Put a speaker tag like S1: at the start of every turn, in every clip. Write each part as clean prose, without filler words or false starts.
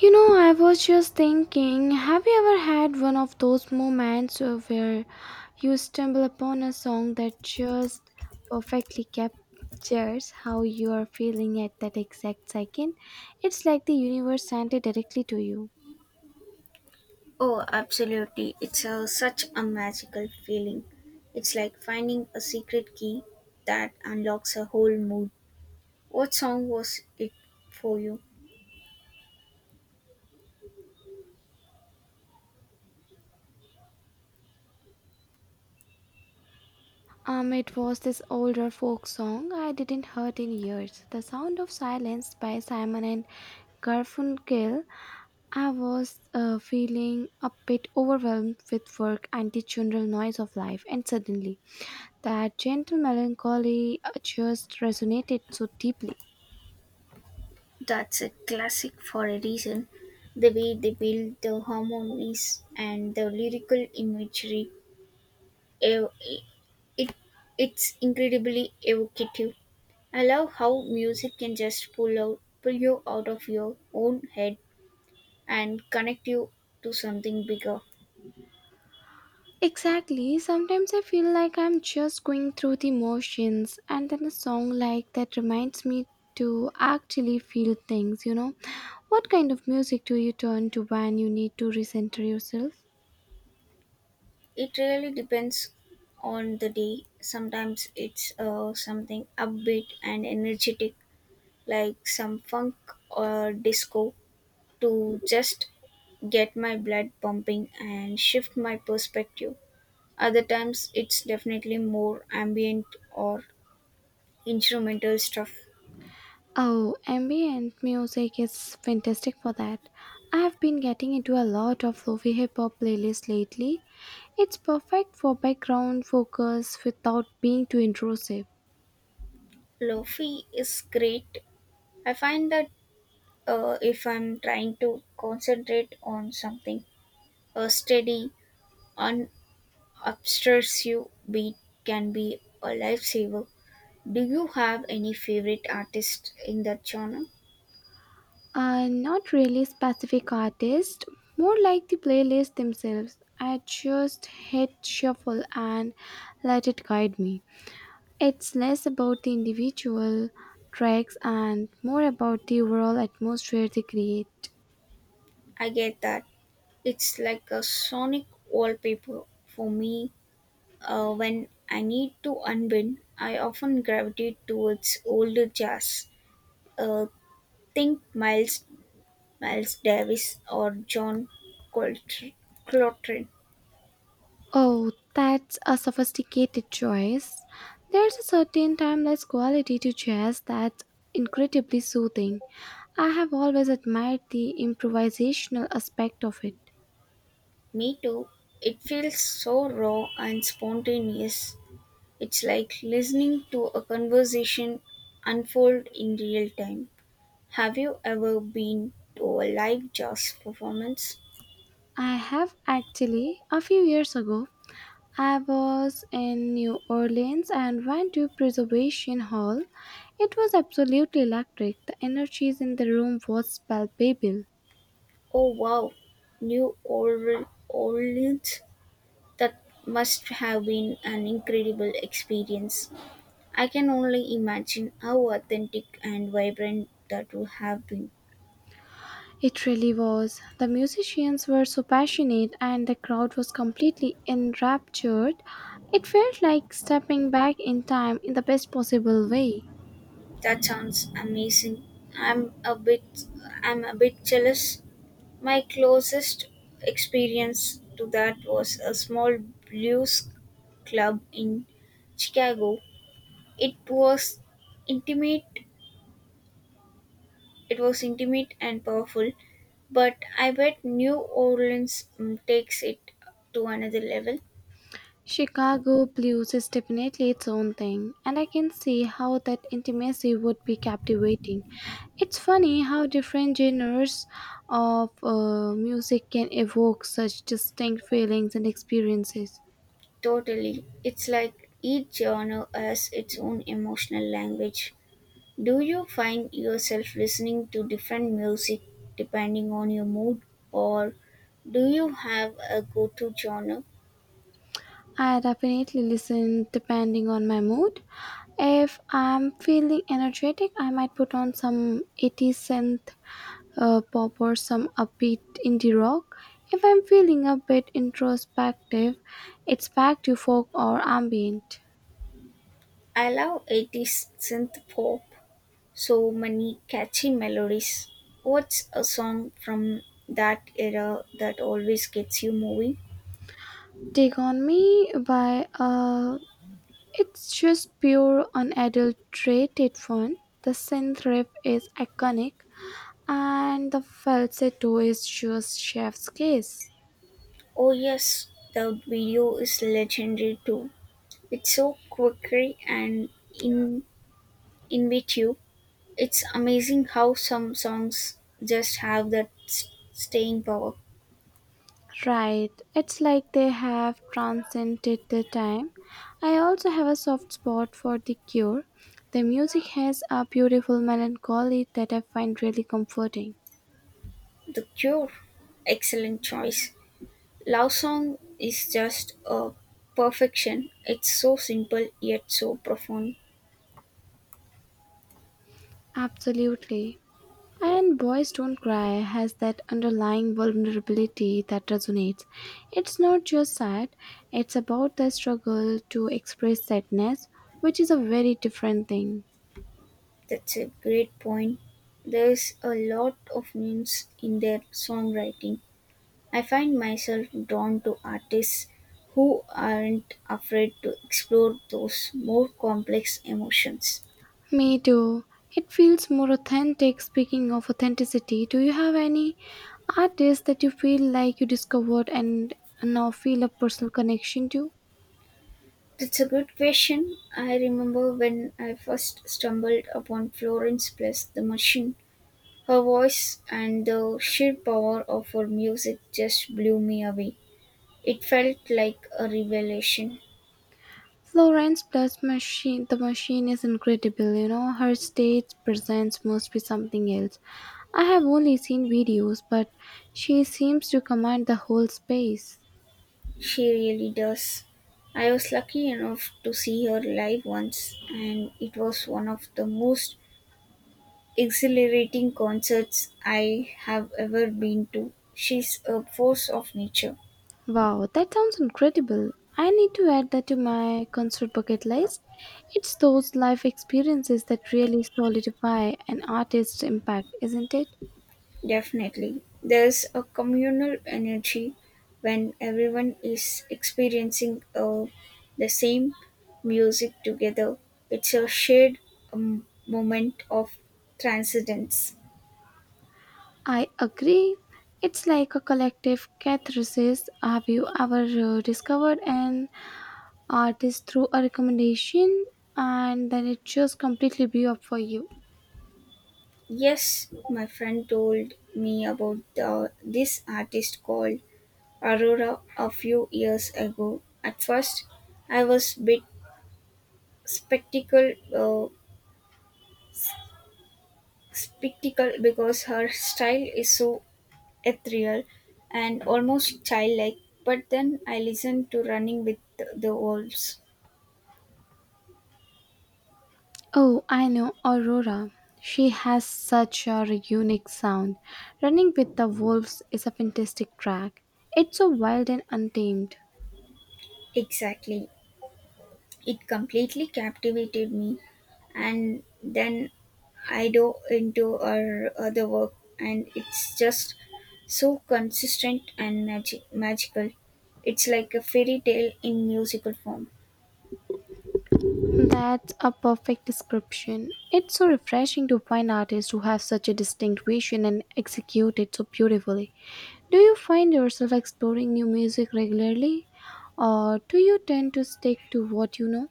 S1: You know, I was just thinking, have you ever had one of those moments where you stumble upon a song that just perfectly captures how you are feeling at that exact second? It's like the universe sent it directly to you.
S2: Oh, absolutely. It's such a magical feeling. It's like finding a secret key that unlocks a whole mood. What song was it for you?
S1: It was this older folk song I didn't heard in years. The Sound of Silence by Simon and Garfunkel. I was feeling a bit overwhelmed with work and the general noise of life, and suddenly that gentle melancholy just resonated so deeply.
S2: That's a classic for a reason. The way they build the harmonies and the lyrical imagery, ev- it, it's incredibly evocative. I love how music can just pull you out of your own head and connect you to something bigger.
S1: Exactly, sometimes I feel like I'm just going through the motions, and then a song like that reminds me to actually feel things. What kind of music do you turn to when you need to recenter yourself?
S2: It really depends on the day. Sometimes it's something upbeat and energetic, like some funk or disco, to just get my blood pumping and shift my perspective. Other times it's definitely more ambient or instrumental stuff.
S1: Oh, ambient music is fantastic for that. I have been getting into a lot of lofi hip hop playlists lately. It's perfect for background focus without being too intrusive.
S2: Lofi is great. I find that if I'm trying to concentrate on something, a steady, un obsessive beat can be a lifesaver. Do you have any favorite artists in that genre?
S1: Not really specific artist, more like the playlists themselves. I just hit shuffle and let it guide me. It's less about the individual tracks and more about the overall atmosphere they create.
S2: I get that. It's like a sonic wallpaper for me. When I need to unwind, I often gravitate towards older jazz. Uh, think Miles Davis or John Coltr- Coltrane.
S1: Oh, that's a sophisticated choice. There's a certain timeless quality to jazz that's incredibly soothing. I have always admired the improvisational aspect of it.
S2: Me too. It feels so raw and spontaneous. It's like listening to a conversation unfold in real time. Have you ever been to a live jazz performance?
S1: I have actually. A few years ago, I was in New Orleans and went to Preservation Hall. It was absolutely electric. The energy in the room was palpable.
S2: Oh wow, Orleans. That must have been an incredible experience. I can only imagine how authentic and vibrant that would have been.
S1: It really was. The musicians were so passionate and the crowd was completely enraptured. It felt like stepping back in time in the best possible way.
S2: That sounds amazing. I'm a bit I'm a bit jealous. My closest experience to that was a small blues club in Chicago. It was intimate, intimate and powerful, but I bet New Orleans takes it to another level.
S1: Chicago blues is definitely its own thing, and I can see how that intimacy would be captivating. It's funny how different genres of music can evoke such distinct feelings and experiences.
S2: Totally. It's like each genre has its own emotional language. Do you find yourself listening to different music depending on your mood, or do you have a go to genre?
S1: I definitely listen depending on my mood. If I'm feeling energetic, I might put on some 80s synth pop or some upbeat indie rock. If I'm feeling a bit introspective, it's back to folk or ambient.
S2: I love 80s synth pop, so many catchy melodies. What's a song from that era that always gets you moving?
S1: Take on Me by it's just pure unadulterated fun. The synth riff is iconic, and the falsetto is just chef's kiss.
S2: Oh, yes, the video is legendary too. It's so quirky and in intuitive. It's amazing how some songs just have that staying power.
S1: Right, it's like they have transcended the time. I also have a soft spot for The Cure. The music has a beautiful melancholy that I find really comforting.
S2: The Cure, excellent choice. Love Song is just a perfection. It's so simple yet so profound.
S1: Absolutely. And Boys Don't Cry has that underlying vulnerability that resonates. It's not just sad, it's about the struggle to express sadness, which is a very different thing.
S2: That's a great point. There's a lot of nuance in their songwriting. I find myself drawn to artists who aren't afraid to explore those more complex emotions.
S1: Me too. It feels more authentic. Speaking of authenticity, do you have any artists that you feel like you discovered and now feel a personal connection to?
S2: That's a good question. I remember when I first stumbled upon Florence Plus the Machine. Her voice and the sheer power of her music just blew me away. It felt like a revelation.
S1: Florence plus machine the machine is incredible. Her stage presence must be something else. I have only seen videos, but she seems to command the whole space.
S2: She really does. I was lucky enough to see her live once, and it was one of the most exhilarating concerts I have ever been to. She's a force of nature.
S1: Wow, that sounds incredible. I need to add that to my concert bucket list. It's those life experiences that really solidify an artist's impact, isn't it?
S2: Definitely. There's a communal energy when everyone is experiencing the same music together. It's a shared moment of transcendence.
S1: I agree. It's like a collective catharsis. Have you ever discovered an artist through a recommendation and then it just completely blew up for you?
S2: Yes, my friend told me about this artist called Aurora a few years ago. At first, I was bit spectacle uh, spectacle because her style is so ethereal and almost childlike, but then I listened to Running with the Wolves.
S1: Oh, I know Aurora. She has such a unique sound. Running with the Wolves is a fantastic track. It's so wild and untamed.
S2: Exactly. It completely captivated me, and then I dove into her other work, and it's just so consistent and magical. It's like a fairy tale in musical form.
S1: That's a perfect description. It's so refreshing to find artists who have such a distinct vision and execute it so beautifully. Do you find yourself exploring new music regularly, or do you tend to stick to what you know?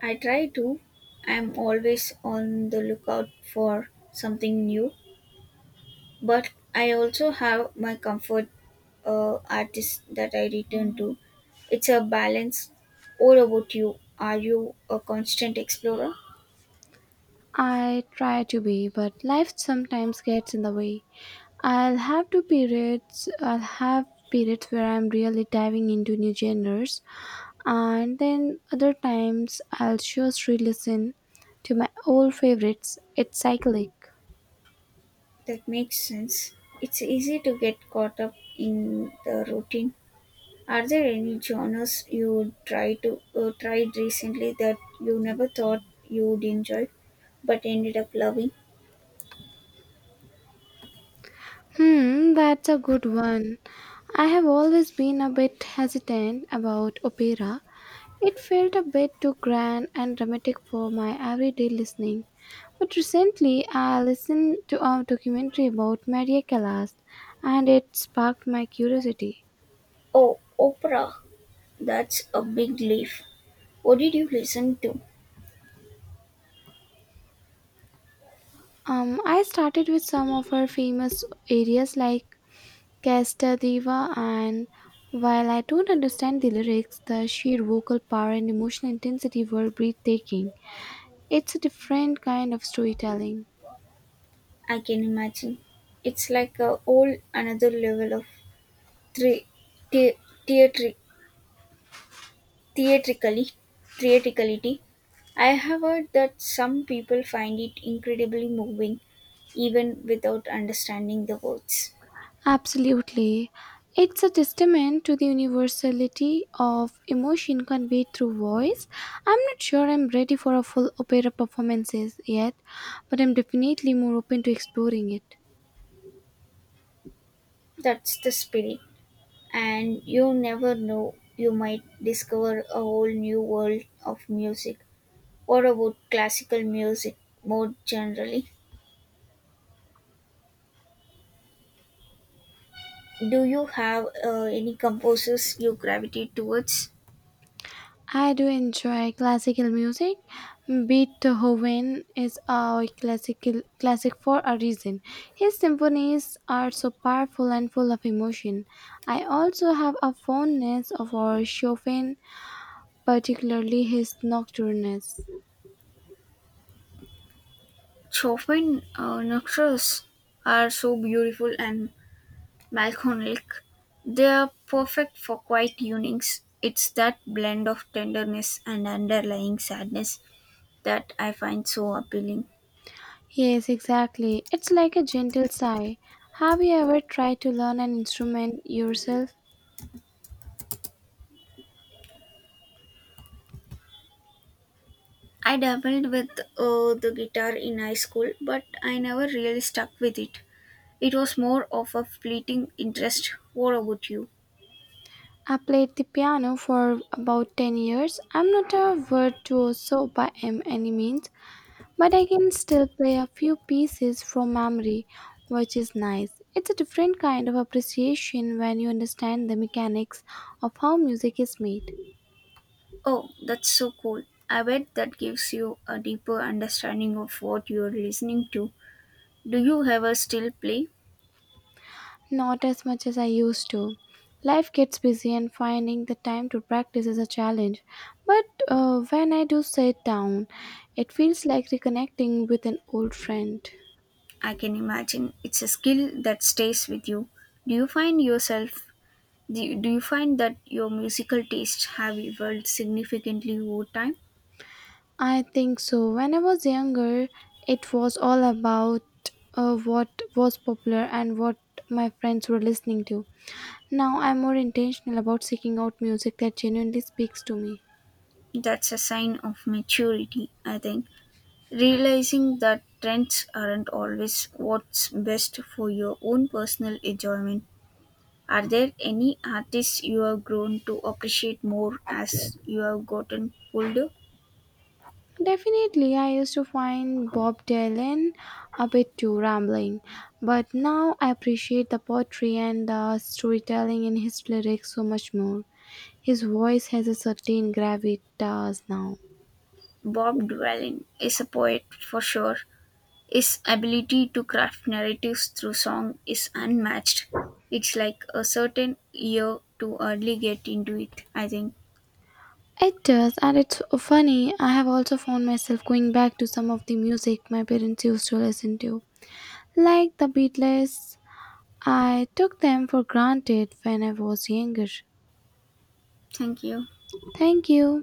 S2: I try to. I'm always on the lookout for something new, but I also have my comfort artists that I return to. It's a balance. All about you? Are you a constant explorer?
S1: I try to be, but life sometimes gets in the way. I'll have periods where I'm really diving into new genres and then other times I'll just re-listen to my old favorites. It's cyclic.
S2: That makes sense. It's easy to get caught up in the routine. Are there any genres you try to tried recently that you never thought you'd enjoy but ended up loving?
S1: Hmm, that's a good one. I have always been a bit hesitant about opera. It felt a bit too grand and dramatic for my everyday listening. But recently, I listened to a documentary about Maria Callas, and it sparked my curiosity.
S2: Oh, opera. That's a big leap. What did you listen to?
S1: I started with some of her famous areas like Casta Diva, and while I don't understand the lyrics, the sheer vocal power and emotional intensity were breathtaking. It's a different kind of storytelling.
S2: I can imagine. It's like a whole another level of thre- the- theatri- theatrically theatricality. I have heard that some people find it incredibly moving, even without understanding the words.
S1: Absolutely. It's a testament to the universality of emotion conveyed through voice. I'm not sure I'm ready for a full opera performances yet, but I'm definitely more open to exploring it.
S2: That's the spirit, and you never know. You might discover a whole new world of music. What about classical music more generally? Do you have any composers you gravitate towards?
S1: I do enjoy classical music. Beethoven is a classic for a reason. His symphonies are so powerful and full of emotion. I also have a fondness of our Chopin, particularly his nocturnes.
S2: Chopin nocturnes are so beautiful and melancholic. They are perfect for quiet evenings. It's that blend of tenderness and underlying sadness that I find so appealing.
S1: Yes, exactly. It's like a gentle sigh. Have you ever tried to learn an instrument yourself?
S2: I dabbled with the guitar in high school, but I never really stuck with it. It was more of a fleeting interest. What about you?
S1: I played the piano for about 10 years. I'm not a virtuoso by any means, but I can still play a few pieces from memory, which is nice. It's a different kind of appreciation when you understand the mechanics of how music is made.
S2: Oh, that's so cool. I bet that gives you a deeper understanding of what you're listening to. Do you ever still play?
S1: Not as much as I used to. Life gets busy, and finding the time to practice is a challenge. But when I do sit down, it feels like reconnecting with an old friend.
S2: I can imagine it's a skill that stays with you. Do you find yourself do you find that your musical tastes have evolved significantly over time?
S1: I think so. When I was younger, it was all about what was popular and what my friends were listening to. Now I'm more intentional about seeking out music that genuinely speaks to me.
S2: That's a sign of maturity, I think. Realizing that trends aren't always what's best for your own personal enjoyment. Are there any artists you have grown to appreciate more as you have gotten older?
S1: Definitely, I used to find Bob Dylan a bit too rambling, but now I appreciate the poetry and the storytelling in his lyrics so much more. His voice has a certain gravitas now.
S2: Bob Dylan is a poet for sure. His ability to craft narratives through song is unmatched. It's like a certain ear to early get into it, I think.
S1: It does, and it's funny. I have also found myself going back to some of the music my parents used to listen to, like the Beatles. I took them for granted when I was younger.
S2: Thank you.
S1: Thank you.